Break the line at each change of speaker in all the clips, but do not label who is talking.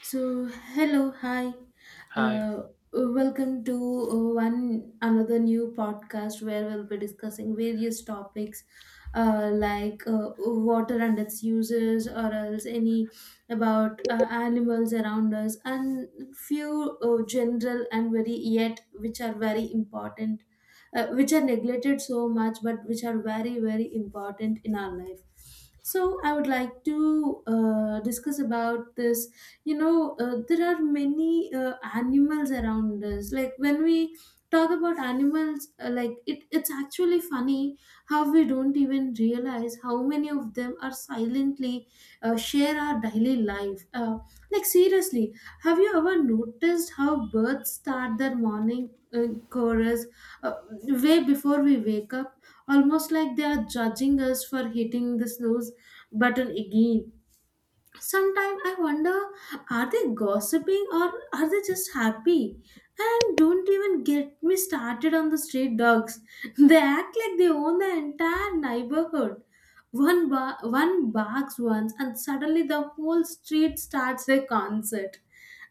So, hello, hi.
Hi.
Uh, Welcome to one another new podcast where we'll be discussing various topics like water and its uses, or else any about animals around us, and few general and very yet which are very important, which are neglected so much, but which are very very important in our life. So, I would like to discuss about this you know there are many animals around us like when we talk about animals like it's actually funny how we don't even realize how many of them are silently share our daily life like seriously, have you ever noticed how birds start their morning chorus uh, way before we wake up, almost like they are judging us for hitting the snooze button again. Sometimes I wonder, are they gossiping or are they just happy? And don't even get me started on the street dogs. They act like they own the entire neighborhood. One barks once, and suddenly the whole street starts a concert.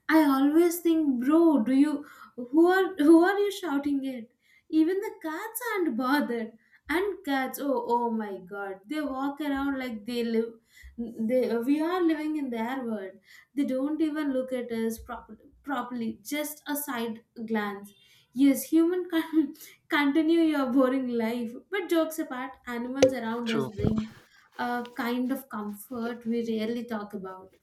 I always think, bro, do you who are you shouting at? Even the cats aren't bothered. And cats, oh my god, they walk around like they live. They We are living in their world. They don't even look at us properly. Just a side glance. Yes, human can continue your boring life, but jokes apart, animals around us
True.
bring a kind of comfort we rarely talk about.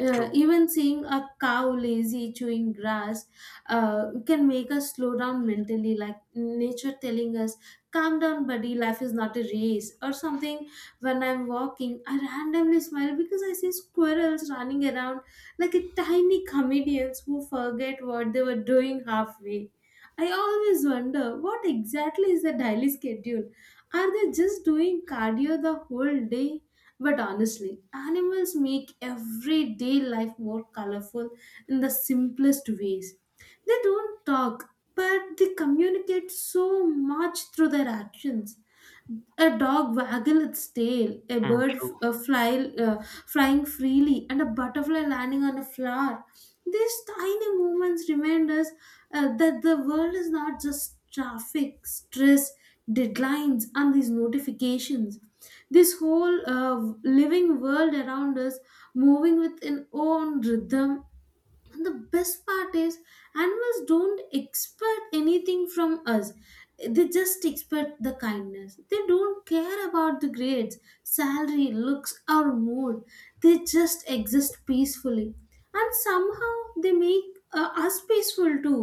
True.
Even seeing a cow lazy chewing grass can make us slow down mentally, like nature telling us, calm down, buddy, life is not a race, or something. When I'm walking, I randomly smile because I see squirrels running around like a tiny comedians who forget what they were doing halfway. I always wonder what exactly is the daily schedule. Are they just doing cardio the whole day? But honestly, animals make everyday life more colorful in the simplest ways. They don't talk, but they communicate so much through their actions. A dog waggle its tail, a
Mm.
bird f-
True.
uh, fly, uh, flying freely, and a butterfly landing on a flower. These tiny movements remind us that the world is not just traffic, stress, deadlines, and these notifications. This whole living world around us, moving with its own rhythm. And the best part is animals don't expect anything from us. They just expect the kindness. They don't care about the grades, salary, looks, or mood. They just exist peacefully, and somehow they make us peaceful too.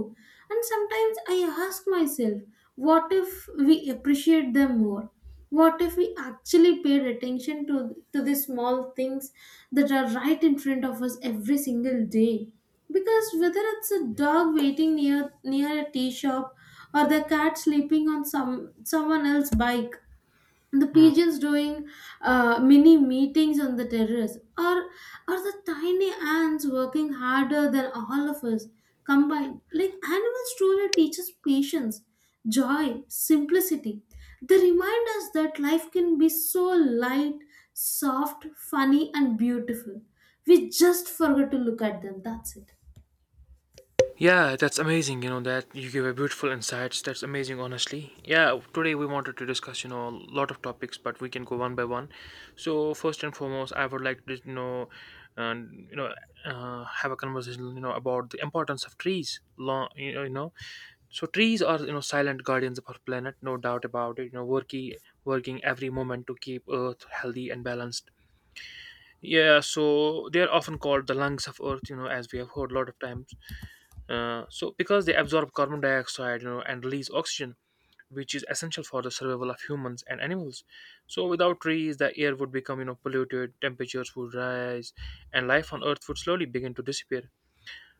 And sometimes I ask myself, what if we appreciate them more? What if we actually paid attention to the small things that are right in front of us every single day? Because whether it's a dog waiting near a tea shop, or the cat sleeping on someone else's bike, the
Mm.
pigeons doing mini meetings on the terrace, or the tiny ants working harder than all of us combined. Like animals truly teach us patience, joy, simplicity. They remind us that life can be so light, soft, funny, and beautiful. We just forget to look at them. That's it.
Yeah, that's amazing. You know that you give a beautiful insights. That's amazing, honestly. Yeah, today we wanted to discuss, a lot of topics, but we can go one by one. So first and foremost, I would like to and you know, have a conversation, about the importance of trees. Long, so trees are silent guardians of our planet, no doubt about it, working every moment to keep Earth healthy and balanced. Yeah, so they are often called the lungs of Earth, as we have heard a lot of times. So because they absorb carbon dioxide, and release oxygen, which is essential for the survival of humans and animals. So without trees, the air would become, polluted, temperatures would rise, and life on Earth would slowly begin to disappear.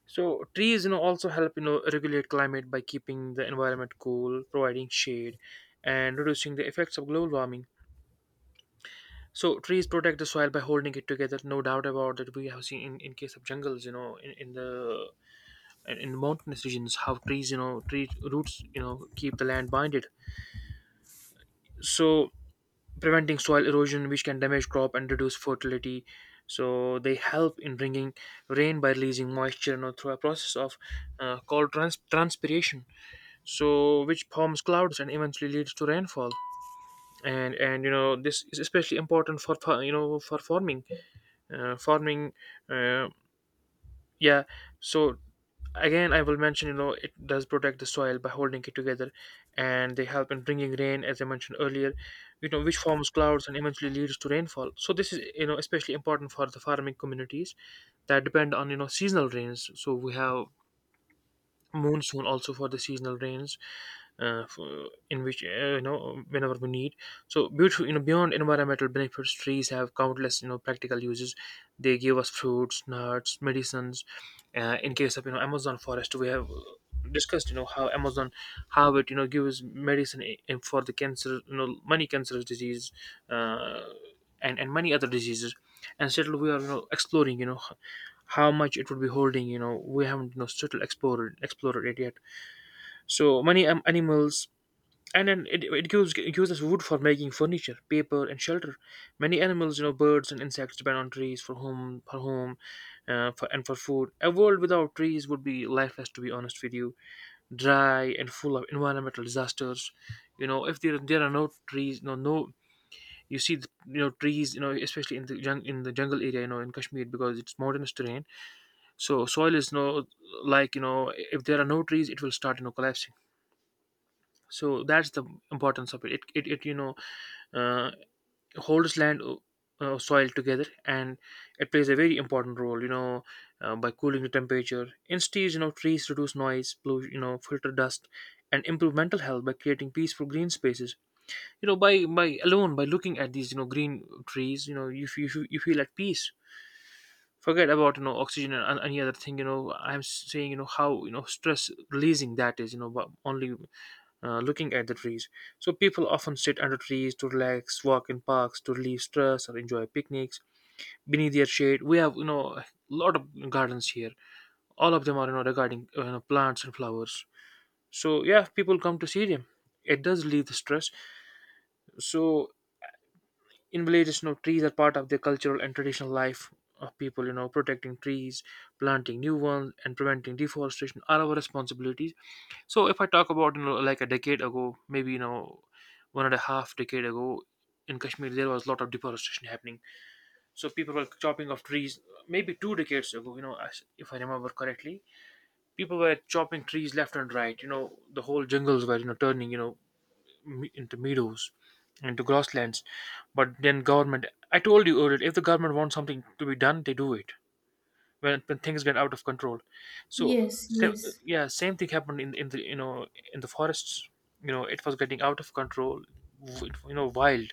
So trees, also help, regulate climate by keeping the environment cool, providing shade, and reducing the effects of global warming. So trees protect the soil by holding it together. No doubt about that. We have seen in case of jungles, in mountainous regions, how trees, tree roots, keep the land binded. So preventing soil erosion, which can damage crop and reduce fertility. So they help in bringing rain by releasing moisture, through a process of called transpiration. So which forms clouds and eventually leads to rainfall. And this is especially important for for farming uh, farming uh, yeah so again I will mention, it does protect the soil by holding it together, and they help in bringing rain as I mentioned earlier, which forms clouds and eventually leads to rainfall. So this is, especially important for the farming communities that depend on, seasonal rains. So we have monsoon also for the seasonal rains, in which whenever we need. So beautiful. Beyond environmental benefits, trees have countless, practical uses. They give us fruits, nuts, medicines. In case of, Amazon forest, we have discussed, how Amazon, how it, gives medicine, for the cancer, many cancerous disease, uh, and many other diseases. And still we are, exploring, how much it would be holding. We haven't, still explored it yet. So many animals. And then it gives, it gives us wood for making furniture, paper and shelter. Many animals, birds and insects, depend on trees for home, and for food. A world without trees would be lifeless, to be honest with you, dry and full of environmental disasters. If there are no trees, no. You see the, trees, especially in the in the jungle area, in Kashmir, because it's mountainous terrain. So soil is no, like, if there are no trees, it will start, collapsing. So that's the importance of it. It uh, holds land, soil together. And it plays a very important role, by cooling the temperature instead. Trees reduce noise, blue, filter dust, and improve mental health by creating peaceful green spaces. By alone, by looking at these, green trees, you feel at peace. Forget about, oxygen and any other thing. You know I'm saying, how, stress releasing that is. But only looking at the trees. So people often sit under trees to relax, walk in parks to relieve stress, or enjoy picnics beneath their shade. We have, a lot of gardens here. All of them are, regarding plants and flowers. So yeah, people come to see them. It does relieve the stress. So in villages, trees are part of the cultural and traditional life of people. Protecting trees, planting new ones, and preventing deforestation are our responsibilities. So if I talk about, like a decade ago, maybe, one and a half decade ago, in Kashmir there was a lot of deforestation happening. So people were chopping off trees. Maybe two decades ago, if I remember correctly, people were chopping trees left and right. The whole jungles were, turning, into meadows, into grasslands. But then government, I told you earlier, if the government wants something to be done, they do it when things get out of control. So
Yes,
sa-
yes.
yeah, same thing happened in the in the forests. You know, it was getting out of control. You know, wild,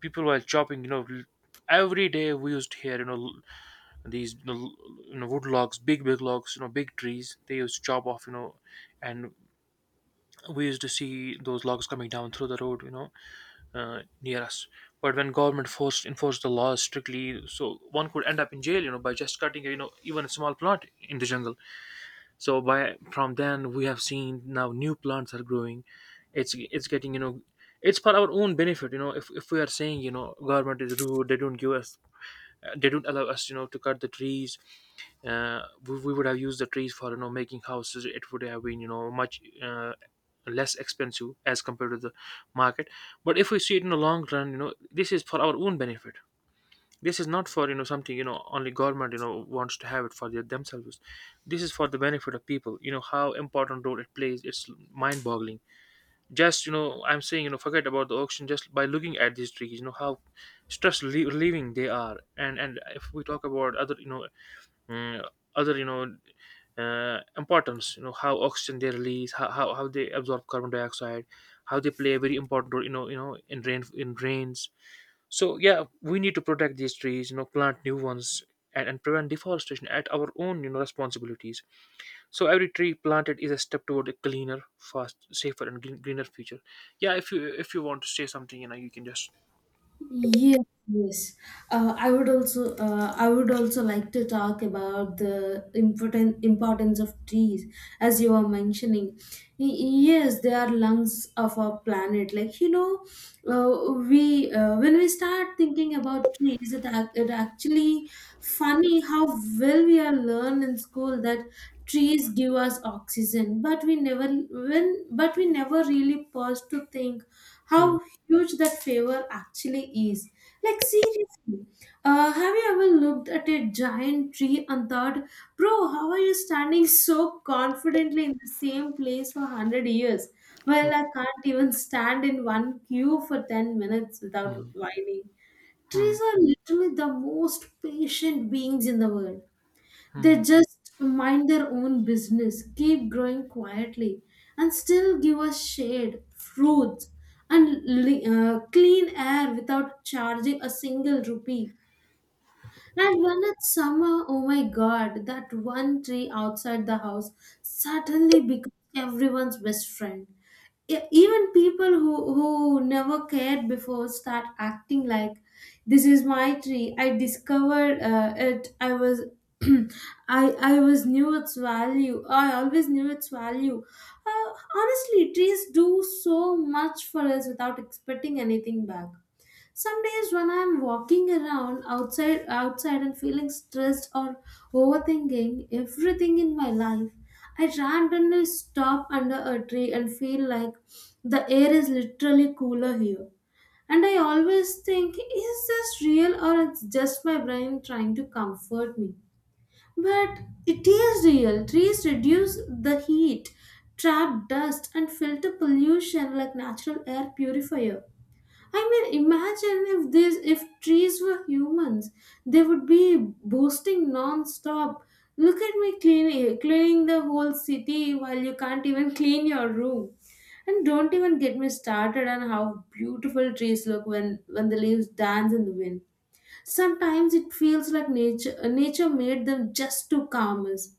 people were chopping. You know, every day we used to hear, these, wood logs, big logs, big trees. They used to chop off. You know, and we used to see those logs coming down through the road. You know, near us. But when government forced enforced the laws strictly, so one could end up in jail, by just cutting, even a small plant in the jungle. So by from then we have seen now new plants are growing. It's getting, you know, it's for our own benefit, you know. If we are saying, government is rude, they don't give us, they don't allow us, to cut the trees. We would have used the trees for, making houses. It would have been, much less expensive as compared to the market. But if we see it in the long run, this is for our own benefit. This is not for, something, only government, wants to have it for their themselves. This is for the benefit of people. How important role it plays. It's mind boggling. Just, I'm saying, forget about the auction, just by looking at these trees, how stress relieving they are. And if we talk about other, uh, other, importance. How oxygen they release, how they absorb carbon dioxide, how they play a very important role, in rain, in rains. So yeah, we need to protect these trees, plant new ones, and prevent deforestation at our own, responsibilities. So every tree planted is a step toward a cleaner, fast, safer and greener future. Yeah, if you want to say something, you can just.
Yes, yes. I would also like to talk about the important importance of trees, as you were mentioning. Y- yes, they are lungs of our planet. Like you know, we when we start thinking about trees, it it actually funny how well we are learned in school that trees give us oxygen, but we never really pause to think
Hmm.
how huge that favor actually is. Like, seriously, have you ever looked at a giant tree and thought, bro, how are you standing so confidently in the same place for 100 years?
Hmm.
Well, I can't even stand in one queue for 10 minutes without
Hmm.
whining.
Hmm.
Trees are literally the most patient beings in the world.
Hmm.
They just mind their own business, keep growing quietly, and still give us shade, fruits, and clean air without charging a single rupee. And when it's summer, oh my god, that one tree outside the house suddenly becomes everyone's best friend. Even people who never cared before start acting like, this is my tree. I discovered it. I was I was knew its value. I always knew its value. Honestly, trees do so much for us without expecting anything back. Some days when I'm walking around outside and feeling stressed or overthinking everything in my life, I randomly stop under a tree and feel like the air is literally cooler here. And I always think, is this real or it's just my brain trying to comfort me? But it is real. Trees reduce the heat, trap dust, and filter pollution like natural air purifier. I mean, imagine if trees were humans, they would be boasting non-stop. Look at me cleaning the whole city while you can't even clean your room. And don't even get me started on how beautiful trees look when the leaves dance in the wind. Sometimes it feels like nature made them just to calm us.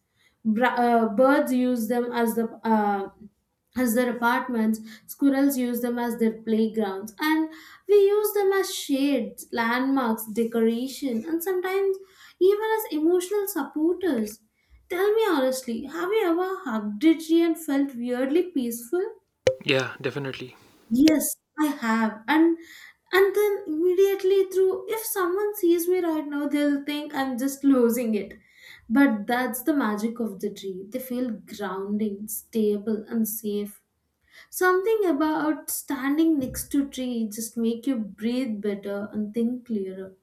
Birds use them as the as their apartments, squirrels use them as their playgrounds, and we use them as shades, landmarks, decoration, and sometimes even as emotional supporters. Tell me honestly, have you ever hugged a tree and felt weirdly peaceful?
Yeah, definitely.
Yes, I have. And then immediately through if someone sees me right now, they'll think I'm just losing it. But that's the magic of the tree. They feel grounding, stable and safe. Something about standing next to tree just make you breathe better and think clearer.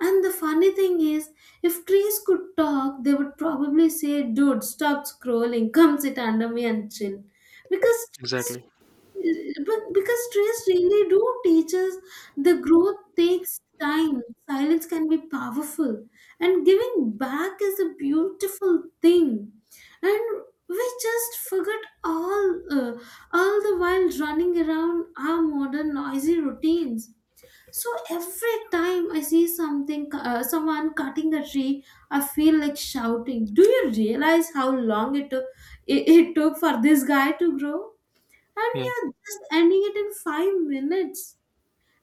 And the funny thing is, if trees could talk, they would probably say, dude, stop scrolling, come sit under me and chill. Because trees
Exactly.
because trees really do teach us the growth takes time, silence can be powerful, and giving back is a beautiful thing. And we just forget all the while running around our modern noisy routines. So every time I see someone cutting a tree, I feel like shouting. Do you realize how long it took for this guy to grow? And
Yeah.
you're just ending it in 5 minutes.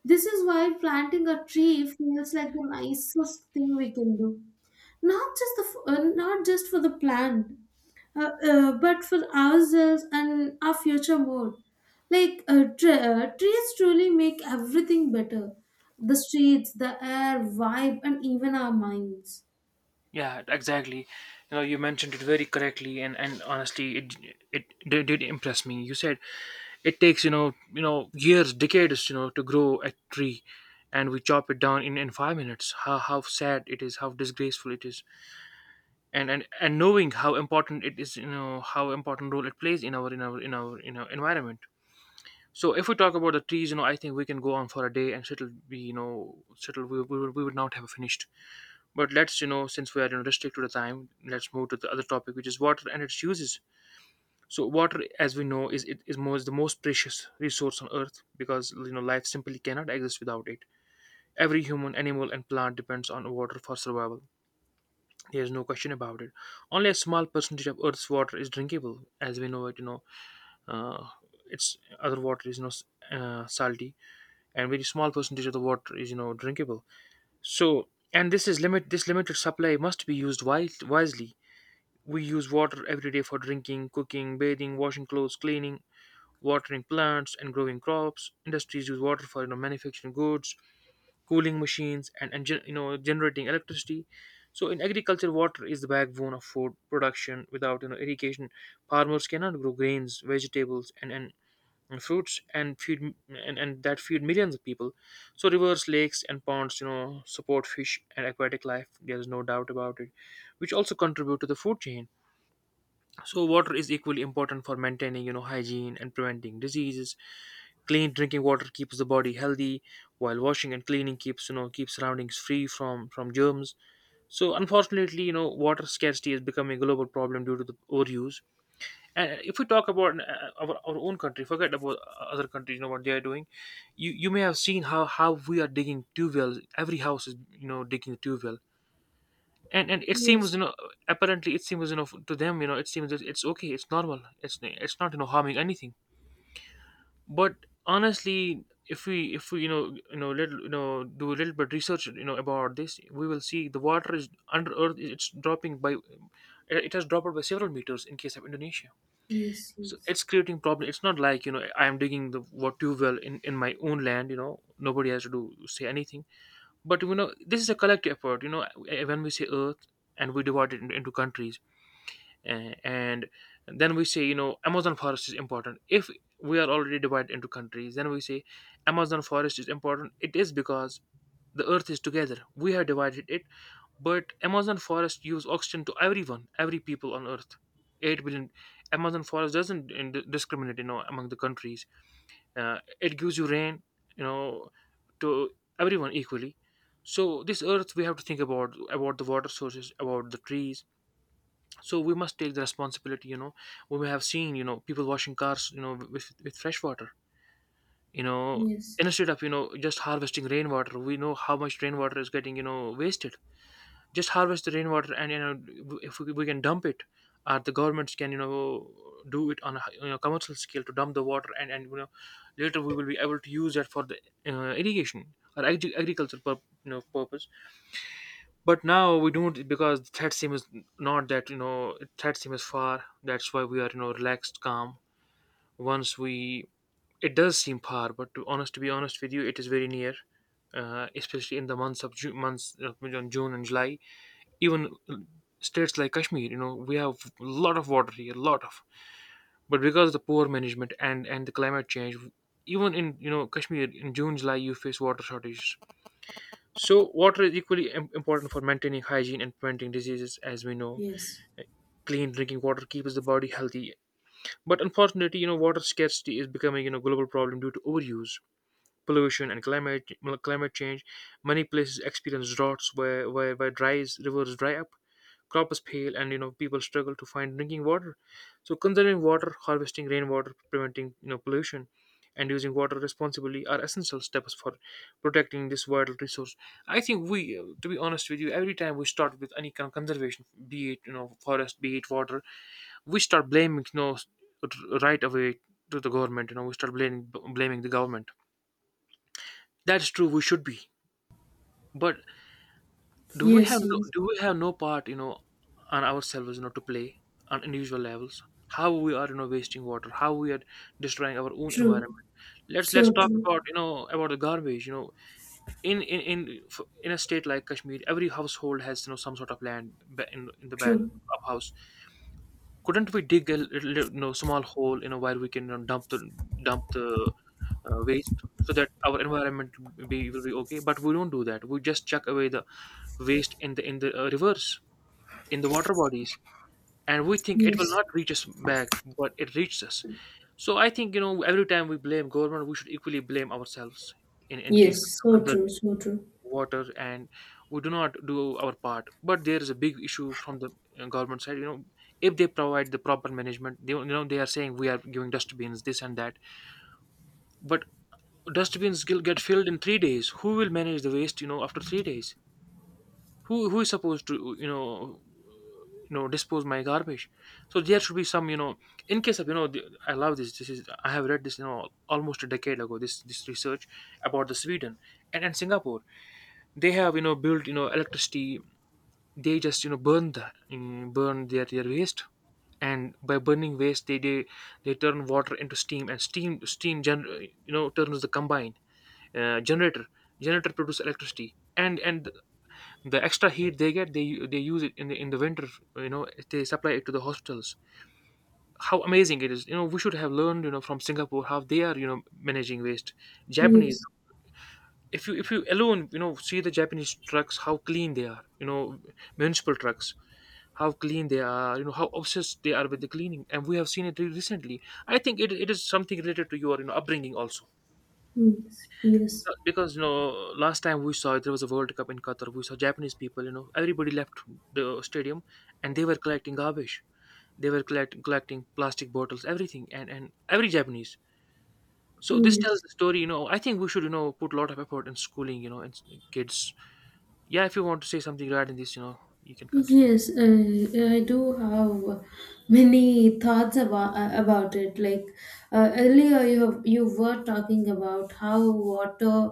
This is why planting a tree feels like the nicest thing we can do. Not just the Not just for the plant, but for ourselves and our future more. Trees truly make everything better, the streets, the air, vibe, and even our minds.
Yeah, exactly. You know, you mentioned it very correctly, and honestly, it did impress me. You said it takes, you know, years, decades, to grow a tree, and we chop it down in 5 minutes. How sad it is, how disgraceful it is, and knowing how important it is, how important role it plays in our in our environment. So if we talk about the trees, I think we can go on for a day, and it'll be, it'll we would not have finished. But let's, since we are, restricted to time, let's move to the other topic, which is water and its uses. So water, as we know, is it is most the most precious resource on Earth, because, life simply cannot exist without it. Every human, animal, and plant depends on water for survival. There is no question about it. Only a small percentage of Earth's water is drinkable, as we know it. You know, uh, its other water is, salty, and very small percentage of the water is, drinkable. So, and this is limit. This limited supply must be used wisely. We use water every day for drinking, cooking, bathing, washing clothes, cleaning, watering plants, and growing crops. Industries use water for, manufacturing goods, cooling machines, generating electricity. So in agriculture, water is the backbone of food production. Without irrigation, farmers cannot grow grains, vegetables, and fruits and feed and that feed millions of people. So rivers, lakes, and ponds support fish and aquatic life, there is no doubt about it, which also contribute to the food chain. So water is equally important for maintaining, hygiene and preventing diseases. Clean drinking water keeps the body healthy, while washing and cleaning keeps surroundings free from germs. So unfortunately, water scarcity is becoming a global problem due to the overuse. And if we talk about our own country, forget about other countries, you know what they are doing. You may have seen how we are digging tube wells. Every house is, digging a tube well, and it seems,
Yes,
apparently it seems, to them, it seems that it's okay, it's normal, it's not, harming anything. But honestly, if we little, do a little bit research, about this, we will see the water is under earth, it's dropping by, it has dropped by several meters in case of Indonesia.
yes,
So
yes,
it's creating problem, it's not like, I am digging the what tube well in my own land, nobody has to do say anything. But, this is a collective effort, when we say earth, and we divide it into countries, and then we say, Amazon forest is important. If we are already divided into countries, then we say Amazon forest is important. It is because the earth is together, we have divided it. But Amazon forest gives oxygen to everyone, every people on earth, 8 billion. Amazon forest doesn't discriminate, among the countries. It gives you rain, you know to everyone equally. So this earth, we have to think about, the water sources, about the trees. So we must take the responsibility. We may have seen, people washing cars, with fresh water, you know
yes,
instead of, just harvesting rainwater. We know how much rainwater is getting, wasted. Just harvest the rainwater, and, if we can dump it, or the governments can, do it on a, commercial scale, to dump the water, and later we will be able to use that for the irrigation or agriculture purpose. But now we don't, because the threat seems, not that, threat seems far. That's why we are, relaxed, calm. Once we, it does seem far, but to honest to be honest with you, it is very near. Especially in the months of June and July. Even states like Kashmir, we have a lot of water here, a lot of. But because of the poor management and the climate change, even in Kashmir in June, July, you face water shortages. So, water is equally important for maintaining hygiene and preventing diseases, as we know.
yes,
Clean drinking water keeps the body healthy. But unfortunately, water scarcity is becoming, global problem due to overuse, pollution, and climate change. Many places experience droughts, where dry rivers dry up, crop is pale, and people struggle to find drinking water. So conserving water, harvesting rainwater, preventing, pollution, and using water responsibly are essential steps for protecting this vital resource. I think we to be honest with you, every time we start with any kind of conservation, be it, forest, be it water, we start blaming, right away, to the government, we start blaming, the government. That's true, we should be. But do we have
yes,
no,
yes.
do we have no part, on ourselves, to play, on individual levels. How we are, wasting water, how we are destroying our own
True,
environment. Let's
so
talk
true,
about, the garbage. In a state like Kashmir, every household has, some sort of land, in the back
true.
of house. Couldn't we dig a little, small hole, where we can, dump the, dump the waste, so that our environment will be okay. But we don't do that, we just chuck away the waste in the, rivers, in the water bodies, and we think it will
Yes,
not reach us back. But it reaches us. So I think, every time we blame government, we should equally blame ourselves in case
yes,
of
so true,
conserving
so true.
water. And we do not do our part, but there is a big issue from the government side. If they provide the proper management, they you know they are saying we are giving dustbins, this and that. But dustbins will get filled in 3 days. Who will manage the waste, after 3 days? Who is supposed to, dispose my garbage? So there should be some, in case of, I love this, is, I have read this, almost a decade ago, this, research about the Sweden and Singapore. They have, built, electricity. They just, burn the, burn their waste, and by burning waste, they turn water into steam, and steam turns the combined generator, produce electricity, and the extra heat they get, they use it in the, winter, they supply it to the hospitals. How amazing it is, we should have learned, from Singapore how they are, managing waste. Japanese,
Yes,
if you alone, see the Japanese trucks, how clean they are, municipal trucks, how clean they are, how obsessed they are with the cleaning. And we have seen it recently, I think it is something related to your, upbringing also.
yes, yes,
Because, last time we saw it, there was a World Cup in Qatar, we saw Japanese people, everybody left the stadium, and they were collecting garbage. They were collecting plastic bottles, everything, and every Japanese. So this tells
yes.
the story, I think we should, put a lot of effort in schooling, and kids. Yeah, if you want to say something regarding this, you can continue.
Yes, I do have many thoughts about it. Like earlier, you were talking about how water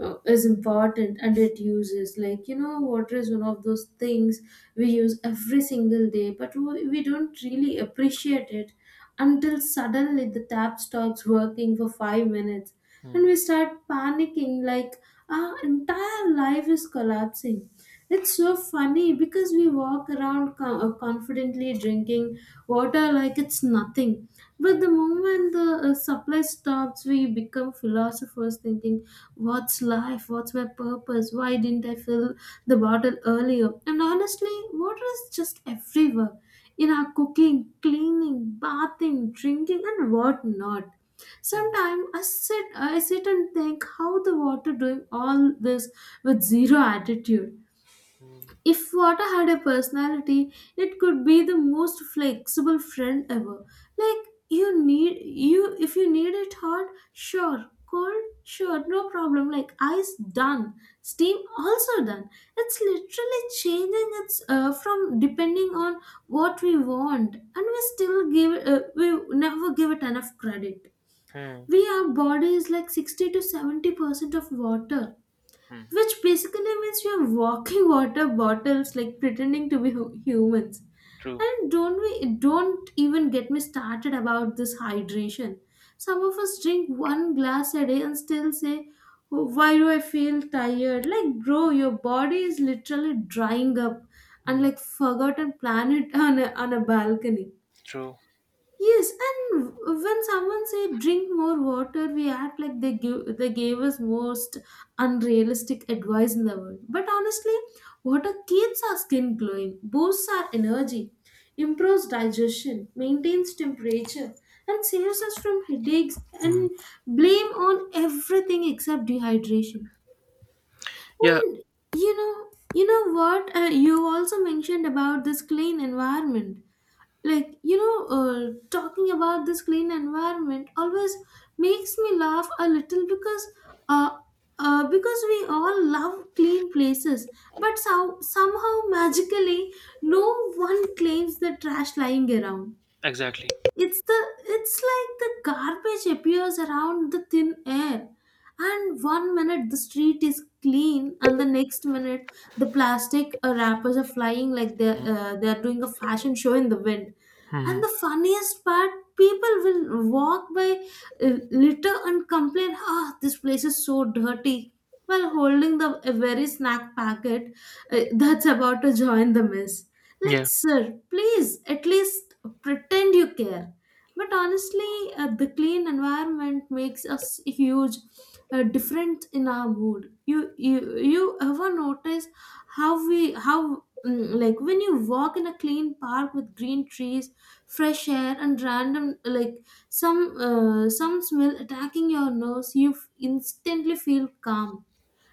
is important and it uses. Like you know, water is one of those things we use every single day, but we don't really appreciate it until suddenly the tap stops working for 5 minutes
Hmm,
and we start panicking like our entire life is collapsing. It's so funny because we walk around confidently drinking water like it's nothing. But
hmm,
the moment the supply stops, we become philosophers thinking, what's life? What's my purpose? Why didn't I fill the bottle earlier? And honestly, water is just everywhere in our cooking, cleaning, bathing, drinking, and whatnot.
hmm,
Sometimes I sit and think how the water doing all this with zero attitude.
hmm,
If water had a personality, it could be the most flexible friend ever. Like you if you need it hot, sure. Cold, sure, no problem. Like ice, done. Steam, also done. It's literally changing its from depending on what we want, and we still give we never give it enough credit.
hmm,
We our body is like 60 to 70% of water,
hmm.
which basically means we are walking water bottles like pretending to be humans.
True.
And don't even get me started about this hydration. Some of us drink one glass a day and still say, "Oh, why do I feel tired?" Like, bro, your body is literally drying up and
Hmm.
like forgotten planet on on a balcony.
True.
Yes, and when someone say drink more water, we act like they gave us most unrealistic advice in the world. But honestly, water keeps our skin glowing, boosts our energy, improves digestion, maintains temperature, and saves us from headaches
Hmm.
and blame on everything except dehydration.
Yeah,
When you know, you know what you also mentioned about this clean environment. Like you know, talking about this clean environment always makes me laugh a little uh, because we all love clean places, but so, somehow magically no one claims the trash lying around.
exactly.
It's the it's like the garbage appears around the thin air. And one minute the street is clean, and the next minute the plastic wrappers are flying like they're doing a fashion show in the wind.
Hmm.
And the funniest part, people will walk by litter and complain, "Ah, this place is so dirty," while holding the a very snack packet that's about to join the mess.
Yeah,
Like, sir, please at least pretend you care. But honestly, the clean environment makes us huge difference in our mood. You ever notice how like when you walk in a clean park with green trees, fresh air and random like some smell attacking your nose, you instantly feel calm.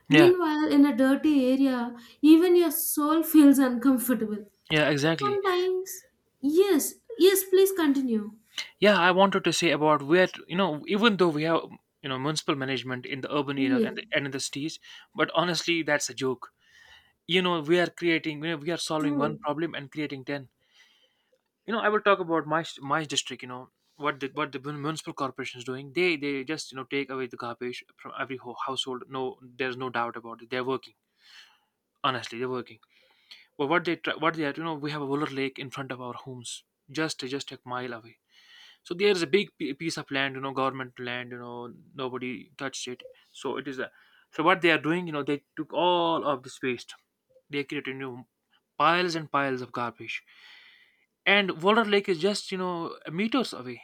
yeah,
Meanwhile, in a dirty area, even your soul feels uncomfortable.
yeah, exactly.
Sometimes, yes, yes, please continue.
Yeah, I wanted to say about, where to- you know, even though we have, municipal management in the urban areas,
Yes,
and in the cities, but honestly, that's a joke. We are creating, we are solving one
true.
problem and creating ten. I will talk about my district. Municipal corporation is doing. They just, take away the garbage from every household. No, there's no doubt about it, they're working. Honestly, they're working. But what they try, what they are, you know, we have a Wooler Lake in front of our homes, just a mile away. So there's a big piece of land, government land, nobody touched it. So it is a So what they are doing, they took all of this waste, they created new piles and piles of garbage. And Walder Lake is just, meters away.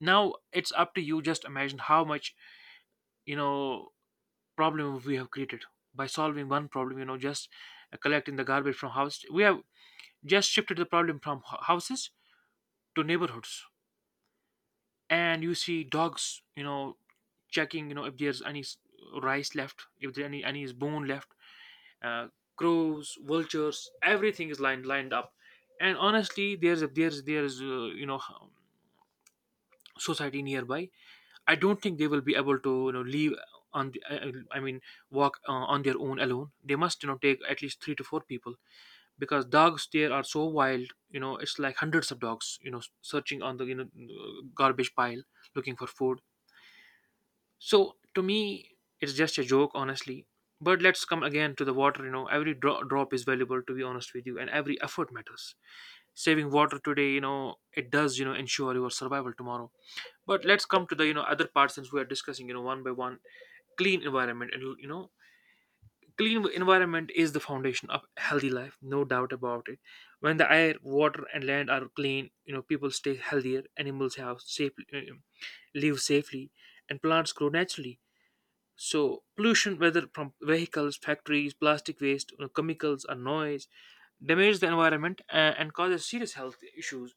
Now it's up to you. Just imagine how much, you know problem we have created by solving one problem. Just collecting the garbage from house, we have just shifted the problem from houses to neighborhoods. And you see dogs, checking, if there's any rice left, if there any bone left. uh, Crows, vultures, everything is lined up. And honestly, there's a there's there's you know society nearby. I don't think they will be able to, leave on the, I mean walk, on their own alone. They must, take at least 3 to 4 people, because dogs there are so wild, it's like hundreds of dogs, searching on the, garbage pile, looking for food. So to me, it's just a joke, honestly. But let's come again to the water. Every drop is valuable, to be honest with you, and every effort matters. Saving water today, it does, ensure your survival tomorrow. But let's come to the, other parts, since we are discussing, one by one. Clean environment. Clean environment is the foundation of healthy life, no doubt about it. When the air, water, and land are clean, people stay healthier, animals have live safely, and plants grow naturally. So pollution, whether from vehicles, factories, plastic waste, chemicals, or noise, damages the environment, and causes serious health issues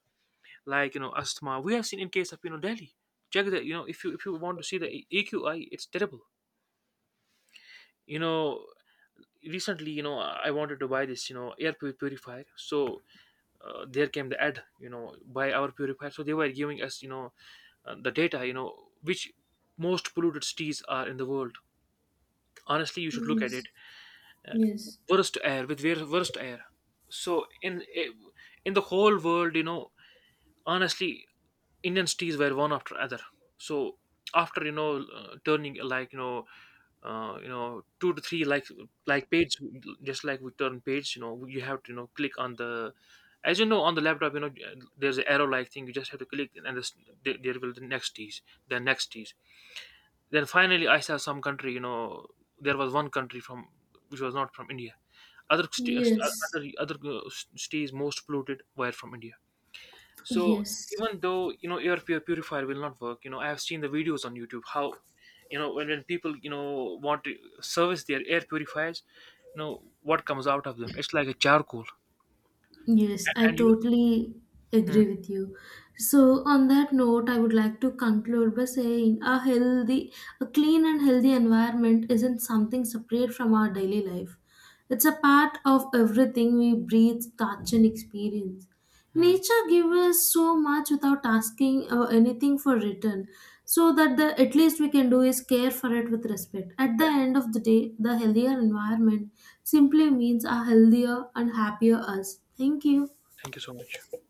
like, asthma. We have seen in case of, Delhi. Check that, if you want to see the EQI, it's terrible. You know Recently, I wanted to buy this, air purifier. So there came the ad, buy our purifier. So they were giving us, the data, which most polluted cities are in the world. Honestly, you should look at it,
Yes,
uh,
yes,
worst air with worst air. So in the whole world, honestly, Indian cities were one after other. So after, turning like, two to three, like, page, just like we turn page. You have to, click on the, as, on the laptop, there's an arrow like thing, you just have to click, and this, there will the next tease, then next tease. Then finally I saw some country, there was one country from, which was not from India. other st-
yes,
other other uh, stays most polluted were from India. So
yes,
even though, air purifier will not work, I have seen the videos on YouTube, how, when people, want to service their air purifiers, you know what comes out of them? It's like a charcoal.
yes, I
And you.
totally
Hmm,
agree with you. So, on that note, I would like to conclude by saying a healthy, a clean and healthy environment isn't something separate from our daily life. It's a part of everything we breathe, touch, and experience.
hmm.
Nature gives us so much without asking anything for return, so that the at least we can do is care for it with respect. At the end of the day, the healthier environment simply means a healthier and happier us. Thank you.
Thank you so much.